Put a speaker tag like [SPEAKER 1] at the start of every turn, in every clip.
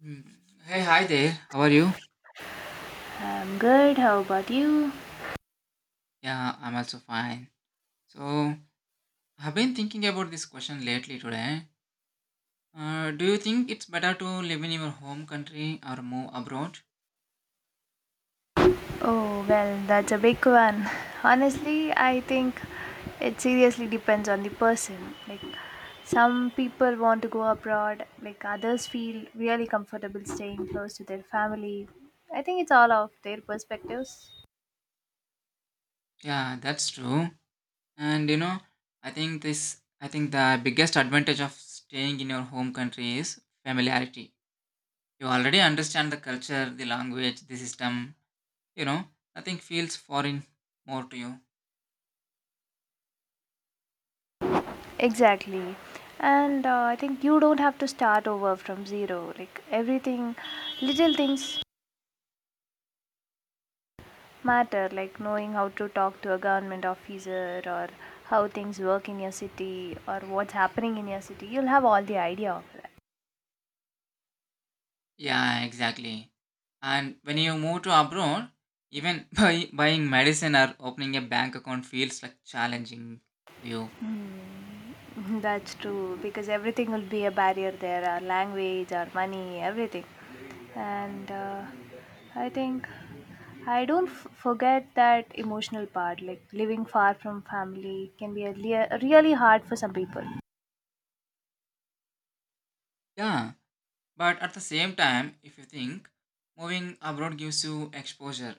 [SPEAKER 1] Hmm. Hey, hi there. How are you?
[SPEAKER 2] I'm good. How about you?
[SPEAKER 1] Yeah, I'm also fine. So, I've been thinking about this question lately today. Do you think it's better to live in your home country or move abroad?
[SPEAKER 2] Oh, well, that's a big one. Honestly, I think it seriously depends on the person. Like, some people want to go abroad, others feel really comfortable staying close to their family. I think it's all of their perspectives.
[SPEAKER 1] Yeah, that's true. And you know, I think the biggest advantage of staying in your home country is familiarity. You already understand the culture, the language, the system. You know, nothing feels foreign more to you.
[SPEAKER 2] Exactly. And I think you don't have to start over from zero. Like, everything, little things matter, like knowing how to talk to a government officer or how things work in your city or what's happening in your city. You'll have all the idea of that.
[SPEAKER 1] Yeah, exactly. And when you move to abroad, even buying medicine or opening a bank account feels like challenging to you.
[SPEAKER 2] That's true because everything will be a barrier there, our language, our money, everything. And I think I don't f- forget that emotional part, like living far from family can be a really hard for some people.
[SPEAKER 1] Yeah, but at the same time, if you think moving abroad gives you exposure,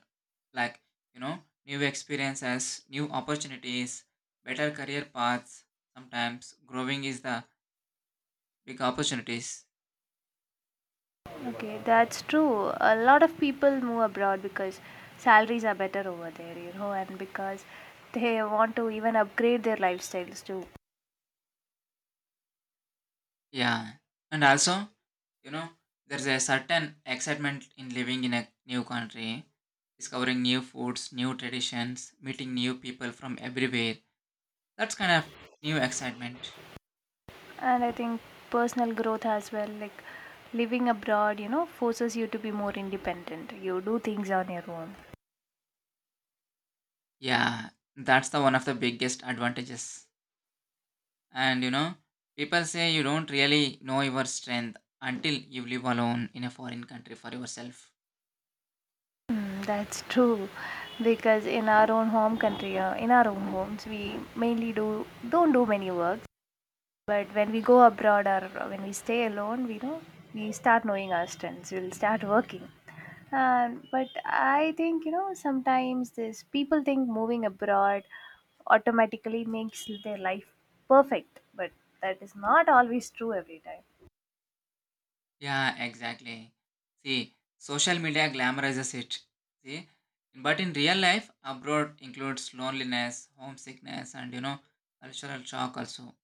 [SPEAKER 1] like you know, new experiences, new opportunities, better career paths. Sometimes growing is the big opportunities.
[SPEAKER 2] Okay, that's true. A lot of people move abroad because salaries are better over there, you know, and because they want to even upgrade their lifestyles too.
[SPEAKER 1] Yeah, and also you know, there's a certain excitement in living in a new country discovering new foods, new traditions, meeting new people from everywhere. That's kind of new excitement.
[SPEAKER 2] And I think personal growth as well, like living abroad, you know, forces you to be more independent. You do things on your own.
[SPEAKER 1] Yeah, that's the one of the biggest advantages. And you know, people say you don't really know your strength until you live alone in a foreign country for yourself.
[SPEAKER 2] Mm, that's true because in our own home country, in our own homes we mainly do don't do many work. But when we go abroad or when we stay alone, we know, we start knowing our strengths. We'll start working. But I think, you know, sometimes this people think moving abroad automatically makes their life perfect, but that is not always true every time.
[SPEAKER 1] Yeah, exactly. See, social media glamorizes it. See, but in real life, abroad includes loneliness, homesickness, and you know, cultural shock also.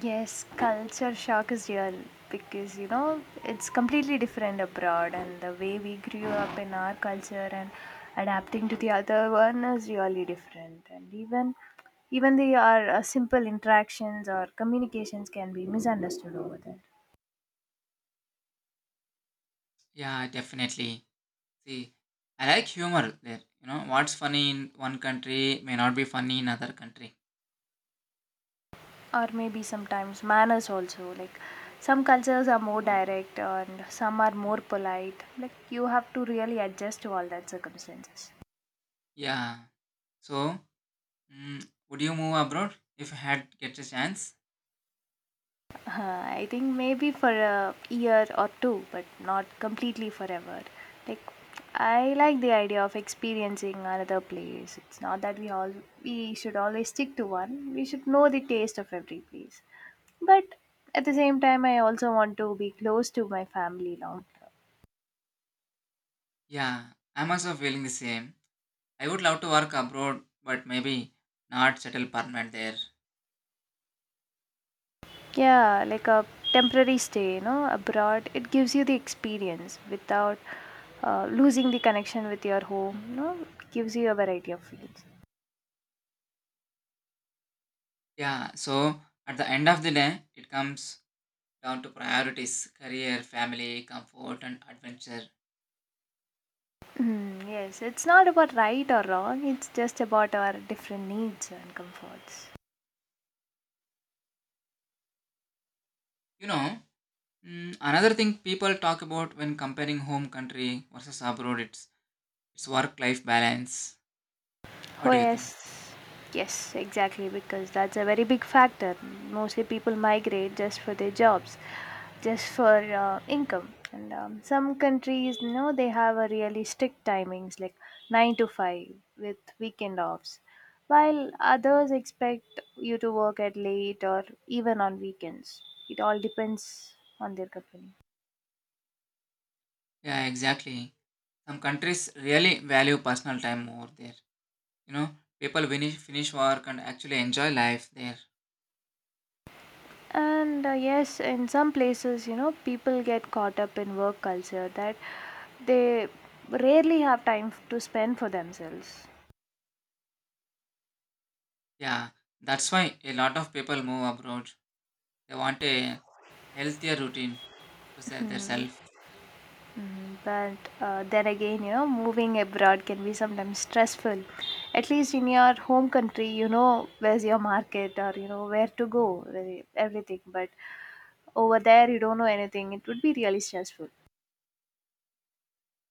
[SPEAKER 2] Yes, culture shock is real because, you know, it's completely different abroad, and the way we grew up in our culture and adapting to the other one is really different. And even the our simple interactions or communications can be misunderstood over there.
[SPEAKER 1] Yeah, definitely. See, I like humor there. You know, what's funny in one country may not be funny in another country.
[SPEAKER 2] Or maybe sometimes manners also. Like, some cultures are more direct, and some are more polite. Like, you have to really adjust to all that circumstances.
[SPEAKER 1] Yeah. So, would you move abroad if you had get a chance?
[SPEAKER 2] I think maybe for a year or two, but not completely forever. Like, I like the idea of experiencing another place. It's not that we should always stick to one. We should know the taste of every place. But at the same time, I also want to be close to my family long term.
[SPEAKER 1] Yeah, I'm also feeling the same. I would love to work abroad, but maybe not settle permanent there.
[SPEAKER 2] Yeah, like a temporary stay, you know, abroad. It gives you the experience without losing the connection with your home. You know, it gives you a variety of feelings.
[SPEAKER 1] Yeah. So at the end of the day, it comes down to priorities: career, family, comfort, and adventure.
[SPEAKER 2] Mm, yes, it's not about right or wrong, it's just about our different needs and comforts.
[SPEAKER 1] You know, another thing people talk about when comparing home country versus abroad, It's work life balance. What
[SPEAKER 2] Oh,
[SPEAKER 1] do you think?
[SPEAKER 2] yes, yes, exactly, because that's a very big factor. Mostly people migrate just for their jobs, just for income. And Some countries, you know, they have a really strict timings like 9 to 5 with weekend offs, while others expect you to work at late or even on weekends. It all depends on their company.
[SPEAKER 1] Yeah, exactly. Some countries really value personal time more there. You know, finish work and actually enjoy life there.
[SPEAKER 2] And Yes, in some places, you know, people get caught up in work culture that they rarely have time to spend for themselves.
[SPEAKER 1] Yeah, that's why a lot of people move abroad. They want a healthier routine to serve their self.
[SPEAKER 2] Mm. But then again, you know, moving abroad can be sometimes stressful. At least in your home country, you know where's your market or you know where to go, everything. But over there, you don't know anything. It would be really stressful.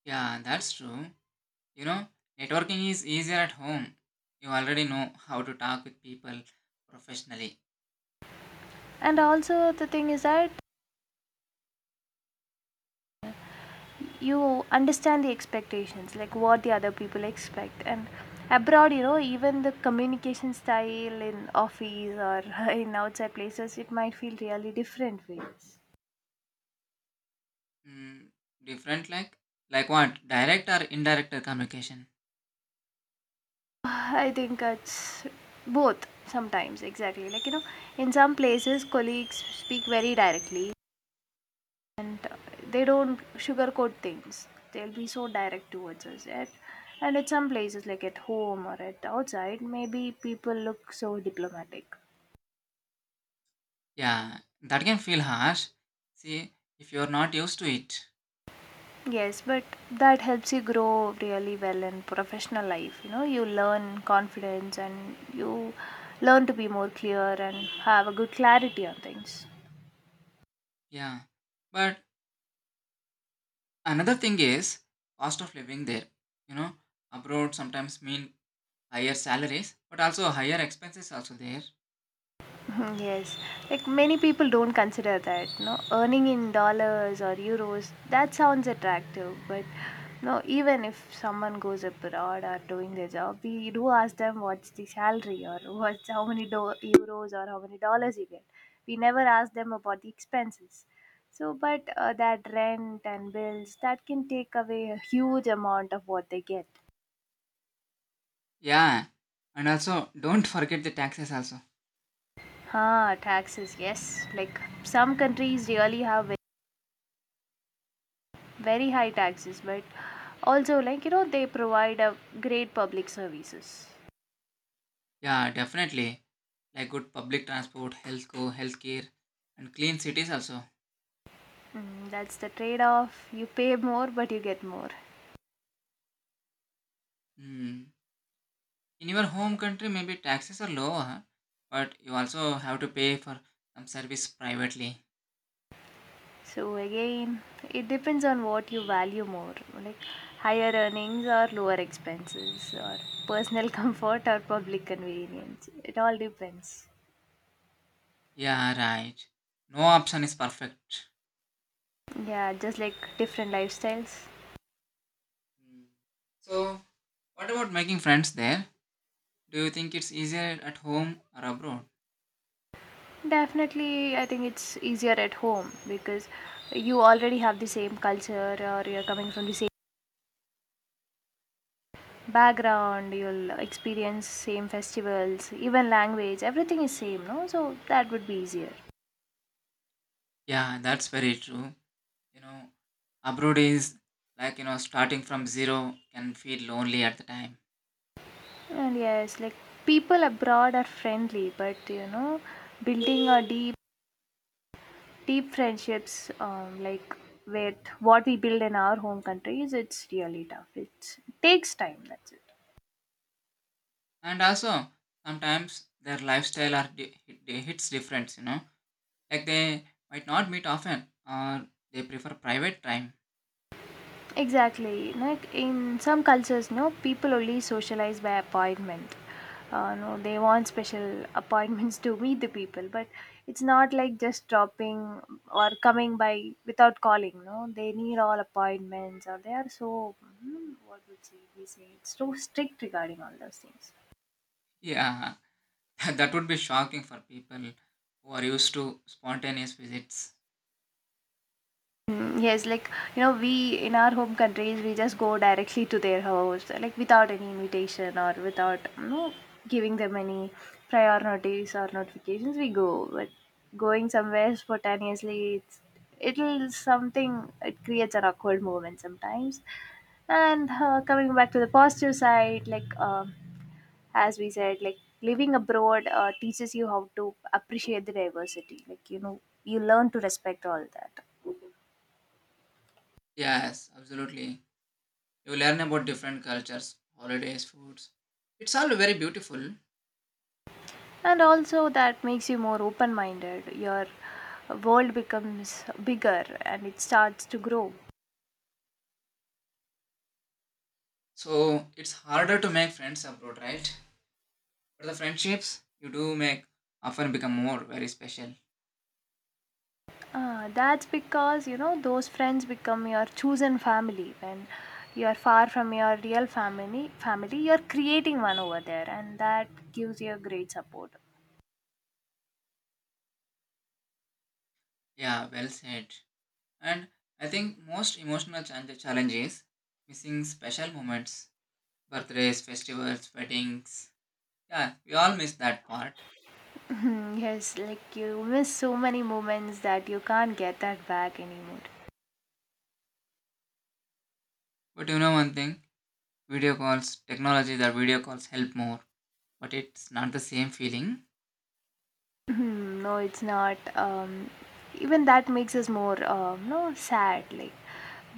[SPEAKER 1] Yeah, that's true. You know, networking is easier at home. You already know how to talk with people professionally.
[SPEAKER 2] And also, the thing is that you understand the expectations, like what the other people expect. And abroad, you know, even the communication style in office or in outside places, it might feel really different ways.
[SPEAKER 1] Mm, different like what? Direct or indirect communication?
[SPEAKER 2] I think it's both sometimes, exactly. Like, you know, in some places colleagues speak very directly, and they don't sugarcoat things, they'll be so direct towards us, and at some places like at home or at outside maybe people look so diplomatic.
[SPEAKER 1] Yeah, that can feel harsh. See, if you're not used to it.
[SPEAKER 2] Yes, but that helps you grow really well in professional life. You know, you learn confidence and you learn to be more clear and have a good clarity on things.
[SPEAKER 1] Yeah. But another thing is cost of living there. You know, abroad sometimes mean higher salaries, but also higher expenses also there.
[SPEAKER 2] Mhm. Yes, like many people don't consider that. No, earning in dollars or euros, that sounds attractive, but no, even if someone goes abroad or doing their job, we do ask them what's the salary or what's how many euros or how many dollars you get. We never ask them about the expenses. So, but that rent and bills that can take away a huge amount of what they get.
[SPEAKER 1] Yeah. And also don't forget the taxes also.
[SPEAKER 2] Ah, taxes, yes. Like, some countries really have very high taxes, but also, like, you know, they provide a great public services.
[SPEAKER 1] Yeah, definitely. Like good public transport, healthcare, and clean cities also.
[SPEAKER 2] Mm, that's the trade off, you pay more but you get more.
[SPEAKER 1] Hmm. In your home country, maybe taxes are lower, but you also have to pay for some service privately.
[SPEAKER 2] So again, it depends on what you value more, like higher earnings or lower expenses or personal comfort or public convenience. It all depends.
[SPEAKER 1] Yeah, right. No option is perfect.
[SPEAKER 2] Yeah, just like different lifestyles.
[SPEAKER 1] Mm. So, what about making friends there? Do you think it's easier at home or abroad?
[SPEAKER 2] Definitely, I think it's easier at home because you already have the same culture or you're coming from the same background. You'll experience same festivals, even language, everything is same, no? So that would be easier.
[SPEAKER 1] Yeah, that's very true. You know, abroad is like, you know, starting from zero can feel lonely at the time.
[SPEAKER 2] And yes, like people abroad are friendly, but you know, building a deep friendships, like with what we build in our home countries, it's really tough. It takes time, that's it.
[SPEAKER 1] And also, sometimes their lifestyle are hits different, you know. Like they might not meet often or they prefer private time.
[SPEAKER 2] Exactly. You know, like in some cultures, no, people only socialize by appointment. No, they want special appointments to meet the people, but it's not like just dropping or coming by without calling. No, they need all appointments, or they are so, mm, what would say, we say it's so strict regarding all those things.
[SPEAKER 1] Yeah, that would be shocking for people who are used to spontaneous visits.
[SPEAKER 2] Mm, yes, like, you know, we in our home countries we just go directly to their house, like without any invitation or without, you know, giving them any prior notice or notifications. We go, but going somewhere spontaneously, it'll something, it creates an awkward moment sometimes. And coming back to the positive side, like, as we said, like living abroad teaches you how to appreciate the diversity. Like, you know, you learn to respect all that.
[SPEAKER 1] Yes, absolutely. You learn about different cultures, holidays, foods. It's all very beautiful.
[SPEAKER 2] And also that makes you more open minded, your world becomes bigger and it starts to grow.
[SPEAKER 1] So it's harder to make friends abroad, right? But the friendships you do make often become more very special.
[SPEAKER 2] Ah, that's because, you know, those friends become your chosen family. When you are far from your real family, you're creating one over there, and that gives you a great support.
[SPEAKER 1] Yeah, well said. And I think most emotional challenge is missing special moments, birthdays, festivals, weddings. Yeah, we all miss that part.
[SPEAKER 2] Yes, like you miss so many moments that you can't get that back anymore.
[SPEAKER 1] But you know one thing, video calls, technology that video calls help more, but it's not the same feeling.
[SPEAKER 2] Hmm, no, it's not. Even that makes us more, no, sad. Like,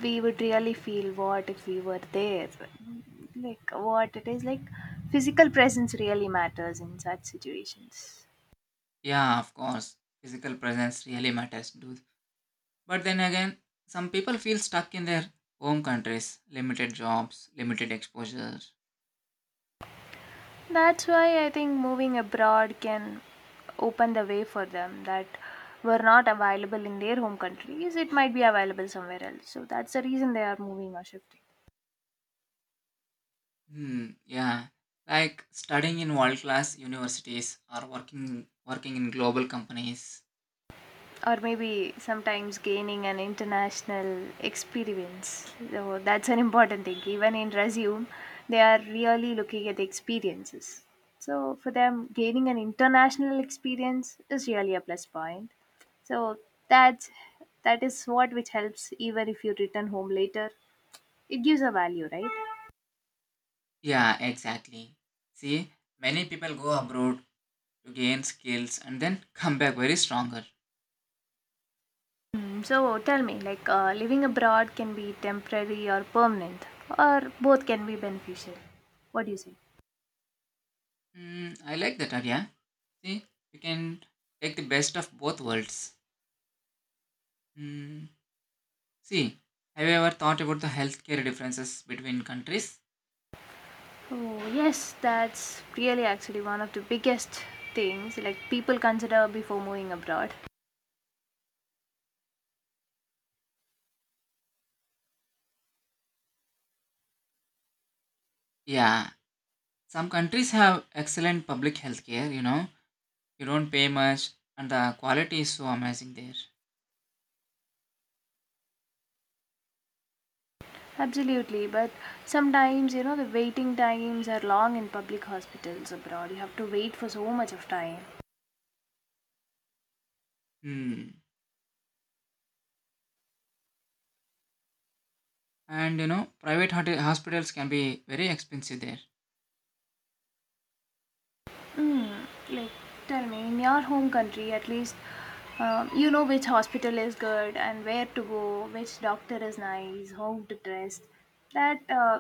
[SPEAKER 2] we would really feel what if we were there. Like, what it is like, physical presence really matters in such situations.
[SPEAKER 1] Yeah, of course. Physical presence really matters, dude. But then again, some people feel stuck in their home countries, limited jobs, limited exposure.
[SPEAKER 2] That's why I think moving abroad can open the way for them that were not available in their home countries. It might be available somewhere else. So that's the reason they are moving or shifting.
[SPEAKER 1] Hmm, yeah. Like studying in world class universities or working in global companies.
[SPEAKER 2] Or maybe sometimes gaining an international experience. So that's an important thing. Even in resume, they are really looking at the experiences. So for them, gaining an international experience is really a plus point. So that that is what which helps even if you return home later. It gives a value, right?
[SPEAKER 1] Yeah, exactly. See, many people go abroad to gain skills and then come back very stronger.
[SPEAKER 2] Mm, so tell me, like, living abroad can be temporary or permanent, or both can be beneficial. What do you say?
[SPEAKER 1] Hmm, I like that idea. See, you can take the best of both worlds. Hmm. See, have you ever thought about the healthcare differences between countries?
[SPEAKER 2] Oh, yes, that's really actually one of the biggest things, like people consider before moving abroad.
[SPEAKER 1] Yeah, some countries have excellent public healthcare, you know, you don't pay much and the quality is so amazing there.
[SPEAKER 2] Absolutely, but sometimes, you know, the waiting times are long in public hospitals abroad. You have to wait for so much of time.
[SPEAKER 1] Hmm. And you know, private hospitals can be very expensive there.
[SPEAKER 2] Like, tell me, in your home country, at least, you know which hospital is good and where to go, which doctor is nice, how to dress. That uh,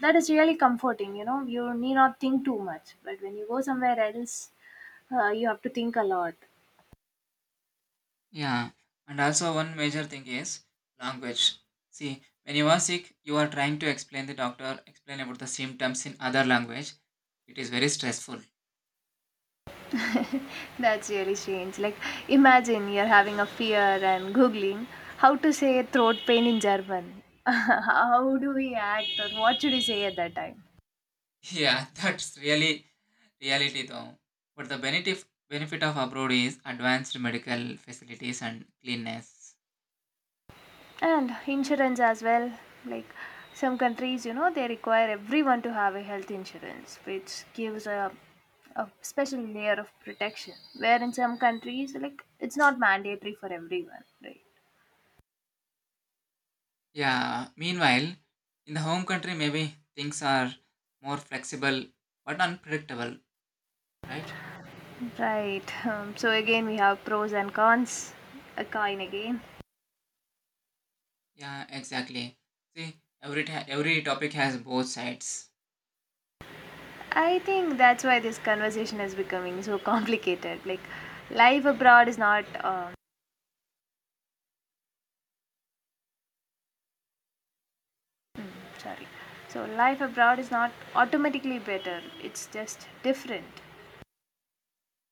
[SPEAKER 2] that is really comforting. You know, you need not think too much. But when you go somewhere else, you have to think a lot.
[SPEAKER 1] Yeah, and also one major thing is language. See, when you are sick, you are trying to explain the doctor, explain about the symptoms in other language. It is very stressful.
[SPEAKER 2] That's really strange. Like, imagine you're having a fear and googling how to say throat pain in German. How do we act, or what should we say at that time?
[SPEAKER 1] Yeah, that's really reality though, but the benefit of abroad is advanced medical facilities and cleanness.
[SPEAKER 2] And insurance as well. Like, some countries, you know, they require everyone to have a health insurance, which gives a special layer of protection. Where in some countries, like, it's not mandatory for everyone, right?
[SPEAKER 1] Yeah, meanwhile in the home country maybe things are more flexible but unpredictable, right?
[SPEAKER 2] Right. So again, we have pros and cons. A coin again.
[SPEAKER 1] Yeah, exactly. See, every topic has both sides.
[SPEAKER 2] I think that's why this conversation is becoming so complicated. Like, life abroad is not. Sorry. So life abroad is not automatically better. It's just different.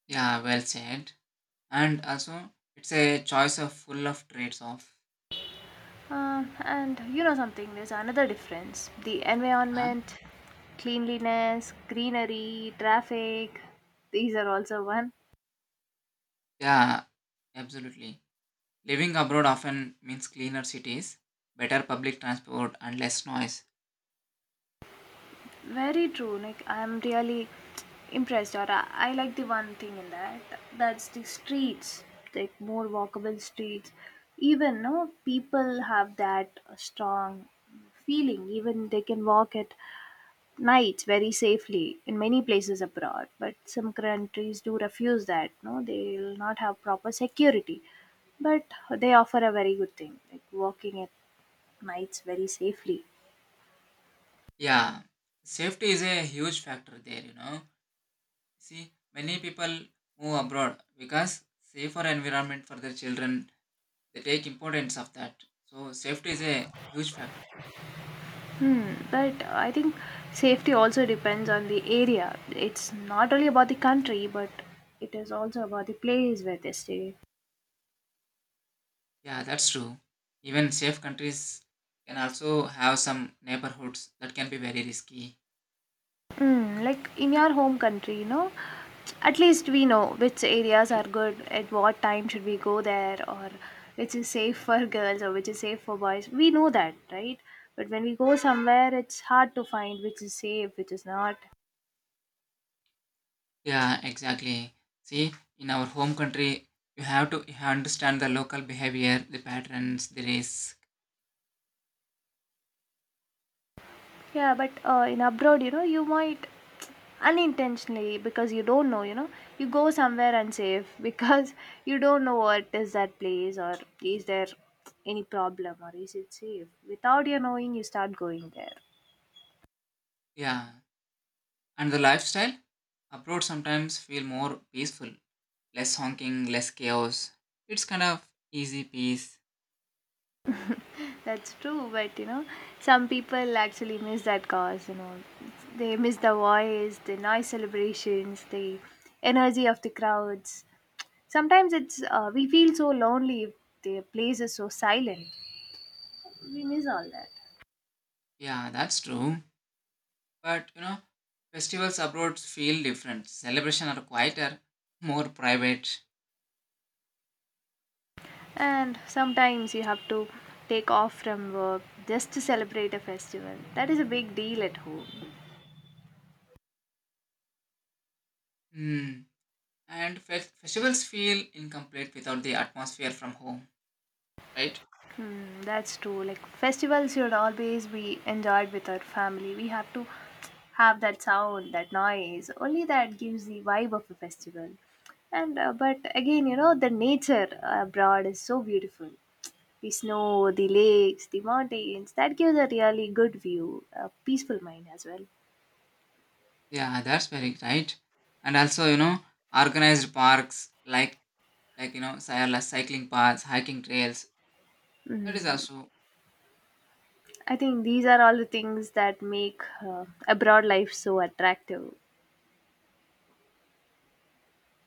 [SPEAKER 1] Yeah, well said. And also it's a choice of full of trades off.
[SPEAKER 2] And you know something, there's another difference. The
[SPEAKER 1] Huh?
[SPEAKER 2] environment, cleanliness, greenery, traffic, these are also one.
[SPEAKER 1] Yeah, absolutely. Living abroad often means cleaner cities, better public transport, and less noise.
[SPEAKER 2] Very true. Like, I'm really impressed, or I like the one thing in that. That's the streets, like more walkable streets. Even, no, people have that strong feeling, even they can walk at night very safely in many places abroad. But some countries do refuse that, no, they'll not have proper security. But they offer a very good thing, like walking at nights very safely.
[SPEAKER 1] Yeah, safety is a huge factor there, you know. See, many people move abroad because safer environment for their children, they take importance of that. So safety is a huge factor.
[SPEAKER 2] Hmm. But I think safety also depends on the area. It's not only about the country but it is also about the place where they stay.
[SPEAKER 1] Yeah, that's true. Even safe countries can also have some neighborhoods that can be very risky.
[SPEAKER 2] Mm, like in your home country, you know, at least we know which areas are good, at what time should we go there, or which is safe for girls or which is safe for boys. We know that, right? But when we go somewhere, it's hard to find which is safe, which is not.
[SPEAKER 1] Yeah, exactly. See, in our home country, you have understand the local behavior, the patterns, the risk.
[SPEAKER 2] Yeah, but in abroad, you know, you might unintentionally because you don't know, you go somewhere unsafe because you don't know what is that place or is there any problem or is it safe. Without your knowing, you start going there.
[SPEAKER 1] Yeah, and the lifestyle abroad sometimes feel more peaceful, less honking, less chaos. It's kind of easy peace.
[SPEAKER 2] That's true, but you know, some people actually miss that cause, you know, they miss the voice, the noise celebrations, the energy of the crowds. Sometimes it's we feel so lonely if the place is so silent. We miss all that.
[SPEAKER 1] Yeah, that's true. But you know, festivals abroad feel different. Celebration are quieter, more private.
[SPEAKER 2] And sometimes you have to take off from work just to celebrate a festival. That is a big deal at home.
[SPEAKER 1] Hmm. And festivals feel incomplete without the atmosphere from home, right?
[SPEAKER 2] Hmm, that's true. Like festivals should always be enjoyed with our family. We have to have that sound, that noise. Only that gives the vibe of a festival. And but again, you know, the nature abroad is so beautiful. The snow, the lakes, the mountains. That gives a really good view, a peaceful mind as well.
[SPEAKER 1] Yeah, that's very right. And also, you know, organized parks like you know, cycling paths, hiking trails. That is
[SPEAKER 2] Mm,
[SPEAKER 1] also.
[SPEAKER 2] I think these are all the things that make abroad life so attractive.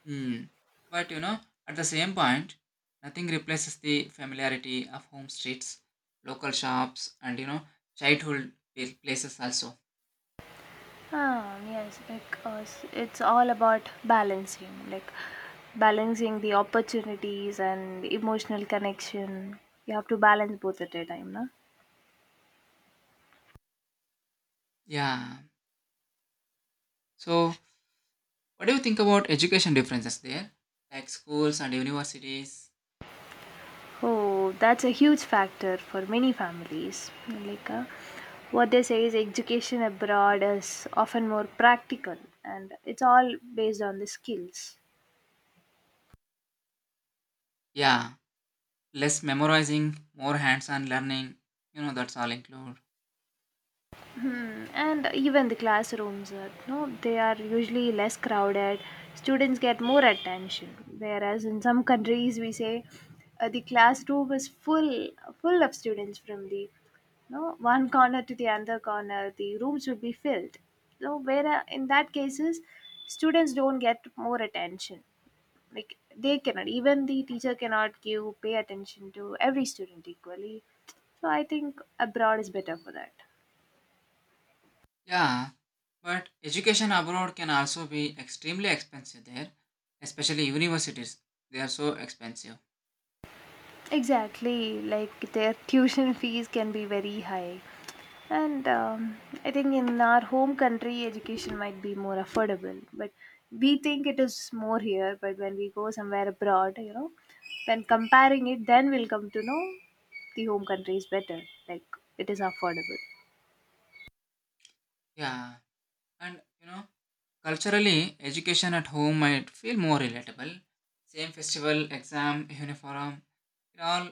[SPEAKER 1] Hmm. But you know, at the same point, nothing replaces the familiarity of home streets, local shops, and you know, childhood places also.
[SPEAKER 2] Ah, yes, because it's all about balancing, like balancing the opportunities and emotional connection. You have to balance both at a time, na?
[SPEAKER 1] Yeah. So, what do you think about education differences there? Like schools and universities?
[SPEAKER 2] Oh, that's a huge factor for many families. Like, what they say is education abroad is often more practical and it's all based on the skills.
[SPEAKER 1] Yeah. Less memorizing, more hands on learning. You know, that's all include.
[SPEAKER 2] Hmm, and even the classrooms, no, they are usually less crowded. Students get more attention, whereas in some countries we say the classroom is full, full of students from the no one corner to the other corner. The rooms will be filled. So where in that cases, students don't get more attention. Like they cannot, even the teacher cannot give pay attention to every student equally. So I think abroad is better for that.
[SPEAKER 1] Yeah. But education abroad can also be extremely expensive there, especially universities. They are so expensive.
[SPEAKER 2] Exactly, like their tuition fees can be very high. And I think in our home country, education might be more affordable, but we think it is more here. But when we go somewhere abroad, you know, when comparing it, then we'll come to know the home country is better, like it is affordable.
[SPEAKER 1] Yeah. And you know, culturally, education at home might feel more relatable. Same festival, exam, uniform, it all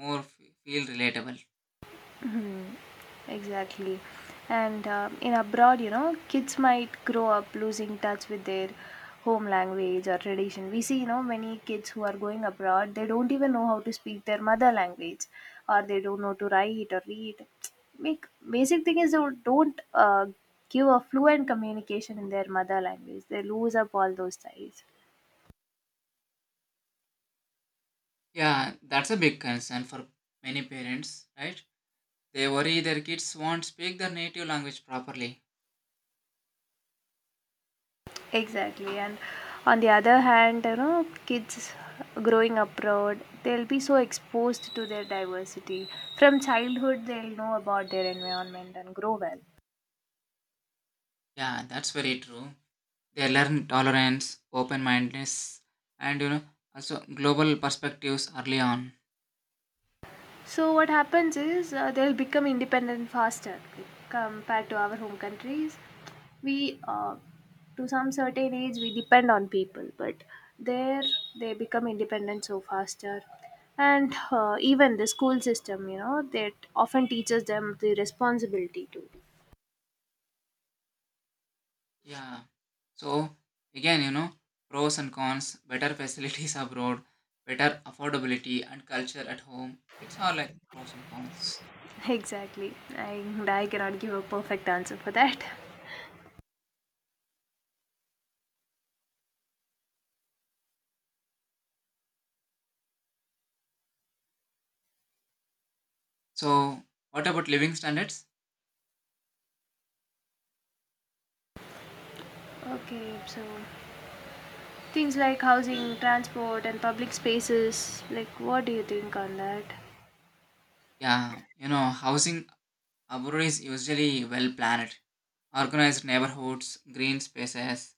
[SPEAKER 1] more f- feel relatable.
[SPEAKER 2] Exactly. And in abroad, you know, kids might grow up losing touch with their home language or tradition. We see, you know, many kids who are going abroad, they don't even know how to speak their mother language or they don't know to write or read. Make, basic thing is they don't give a fluent communication in their mother language. They lose up all those ties.
[SPEAKER 1] Yeah, that's a big concern for many parents, right? They worry their kids won't speak their native language properly.
[SPEAKER 2] Exactly, and on the other hand, you know, kids growing abroad, they'll be so exposed to their diversity. From childhood they'll know about their environment and grow well.
[SPEAKER 1] Yeah, that's very true. They learn tolerance, open mindedness, and you know, also global perspectives early on.
[SPEAKER 2] So what happens is they'll become independent faster, like compared to our home countries. We to some certain age, we depend on people, but there they become independent so faster. And even the school system, you know, that often teaches them the responsibility too.
[SPEAKER 1] Yeah. So again, you know, pros and cons, better facilities abroad, better affordability and culture at home. It's all like pros and cons.
[SPEAKER 2] Exactly. I cannot give a perfect answer for that.
[SPEAKER 1] So what about living standards?
[SPEAKER 2] Okay, so things like housing, transport, and public spaces, like what do you think on that?
[SPEAKER 1] Yeah, you know, housing abroad is usually well planned. Organized neighborhoods, green spaces,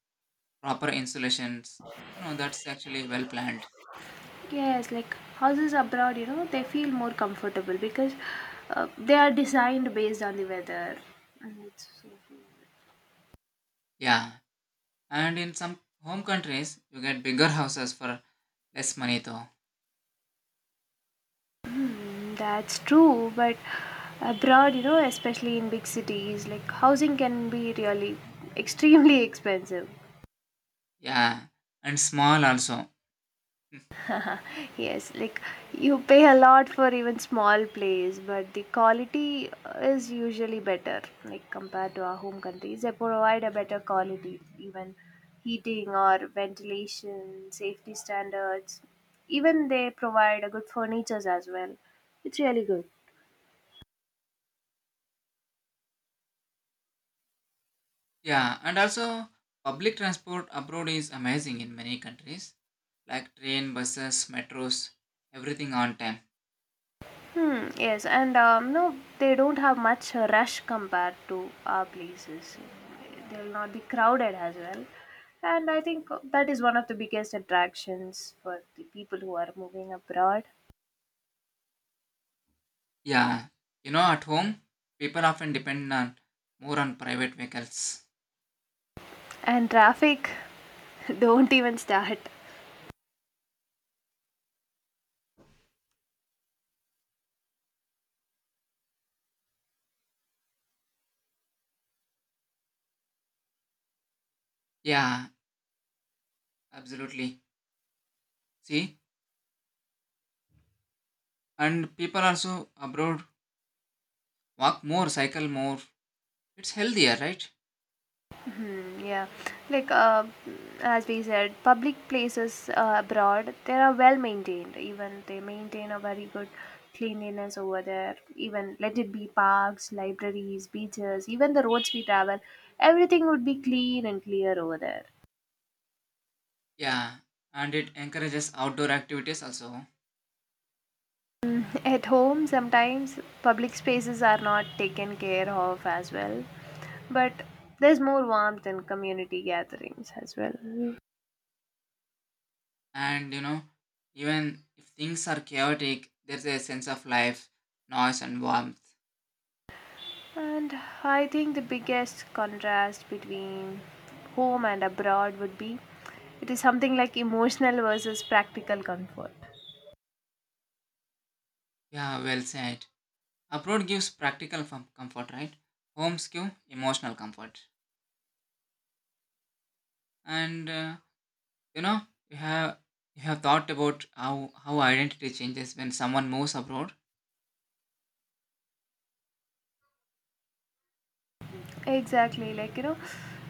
[SPEAKER 1] proper insulations, you know, that's actually well planned.
[SPEAKER 2] Yes, like houses abroad, you know, they feel more comfortable because they are designed based on the weather. And it's so-
[SPEAKER 1] Yeah. And in some home countries you get bigger houses for less money though.
[SPEAKER 2] Mm, that's true, but abroad, you know, especially in big cities, like housing can be really extremely expensive.
[SPEAKER 1] Yeah. And small also.
[SPEAKER 2] Yes, like you pay a lot for even small plays, but the quality is usually better, like compared to our home countries. They provide a better quality, even heating or ventilation, safety standards. Even they provide a good furnitures as well. It's really good.
[SPEAKER 1] Yeah, and also public transport abroad is amazing in many countries, like train, buses, metros, everything on time.
[SPEAKER 2] Hmm, yes, and they don't have much rush compared to our places. They'll not be crowded as well. And I think that is one of the biggest attractions for the people who are moving abroad.
[SPEAKER 1] Yeah, you know, at home, people often depend on more on private vehicles.
[SPEAKER 2] And traffic, don't even start.
[SPEAKER 1] Yeah, absolutely. See, and people also abroad walk more, cycle more. It's healthier, right?
[SPEAKER 2] Hmm, yeah, like as we said, public places abroad they are well maintained. Even they maintain a very good cleanliness over there. Even let it be parks, libraries, beaches, even the roads we travel, everything would be clean and clear over there.
[SPEAKER 1] Yeah, and it encourages outdoor activities also.
[SPEAKER 2] At home, sometimes public spaces are not taken care of as well, but there's more warmth in community gatherings as well.
[SPEAKER 1] And you know, even if things are chaotic, there's a sense of life, noise, and warmth.
[SPEAKER 2] And I think the biggest contrast between home and abroad would be it is something like emotional versus practical comfort.
[SPEAKER 1] Yeah, well said. Abroad gives practical comfort, right? Homes give emotional comfort. And you know, you have you have thought about how identity changes when someone moves abroad.
[SPEAKER 2] Exactly, like you know,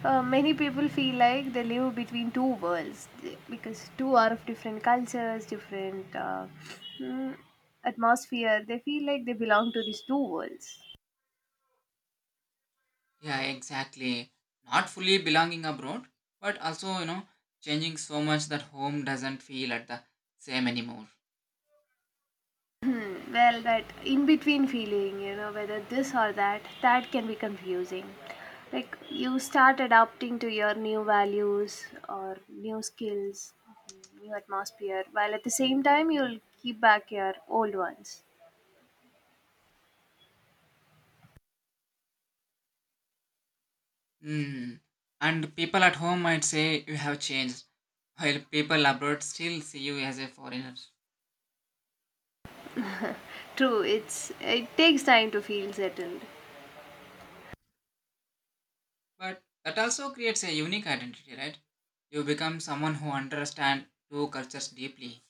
[SPEAKER 2] many people feel like they live between two worlds because two are of different cultures, different mm, atmosphere. They feel like they belong to these two worlds.
[SPEAKER 1] Yeah, exactly. Not fully belonging abroad, but also you know, changing so much that home doesn't feel at the same anymore.
[SPEAKER 2] Well, that in between feeling, you know, whether this or that, that can be confusing. Like you start adapting to your new values or new skills, new atmosphere while at the same time you'll keep back your old ones.
[SPEAKER 1] Hmm. And people at home might say you have changed, while people abroad still see you as a foreigner.
[SPEAKER 2] True, it takes time to feel settled.
[SPEAKER 1] But that also creates a unique identity, right? You become someone who understands two cultures deeply,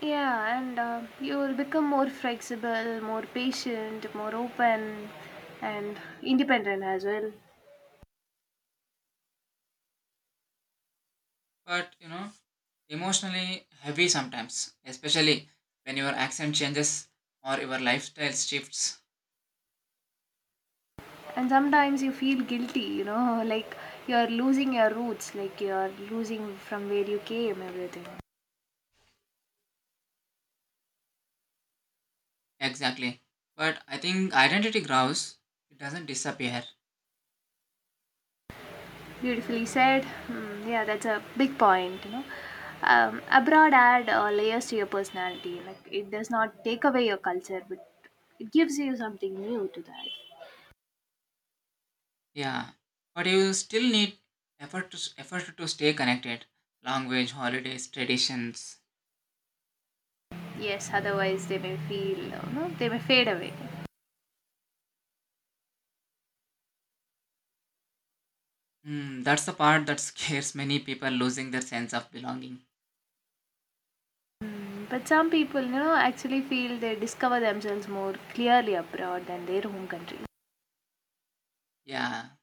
[SPEAKER 2] Yeah, and you will become more flexible, more patient, more open, and independent as well.
[SPEAKER 1] but you know, emotionally heavy sometimes, especially when your accent changes or your lifestyle shifts.
[SPEAKER 2] And sometimes you feel guilty, you know, like you're losing your roots, like you're losing from where you came, everything.
[SPEAKER 1] Exactly. But I think identity grows, it doesn't disappear.
[SPEAKER 2] Beautifully said. Mm, yeah, that's a big point, you know. Abroad add layers to your personality. Like it does not take away your culture, but it gives you something new to that.
[SPEAKER 1] Yeah. But you still need effort to stay connected. Language, holidays, traditions.
[SPEAKER 2] Yes, otherwise they may feel, you know, they may fade away.
[SPEAKER 1] Hmm, that's the part that scares many people losing their sense of belonging.
[SPEAKER 2] But some people, you know, actually feel they discover themselves more clearly abroad than their home country.
[SPEAKER 1] Yeah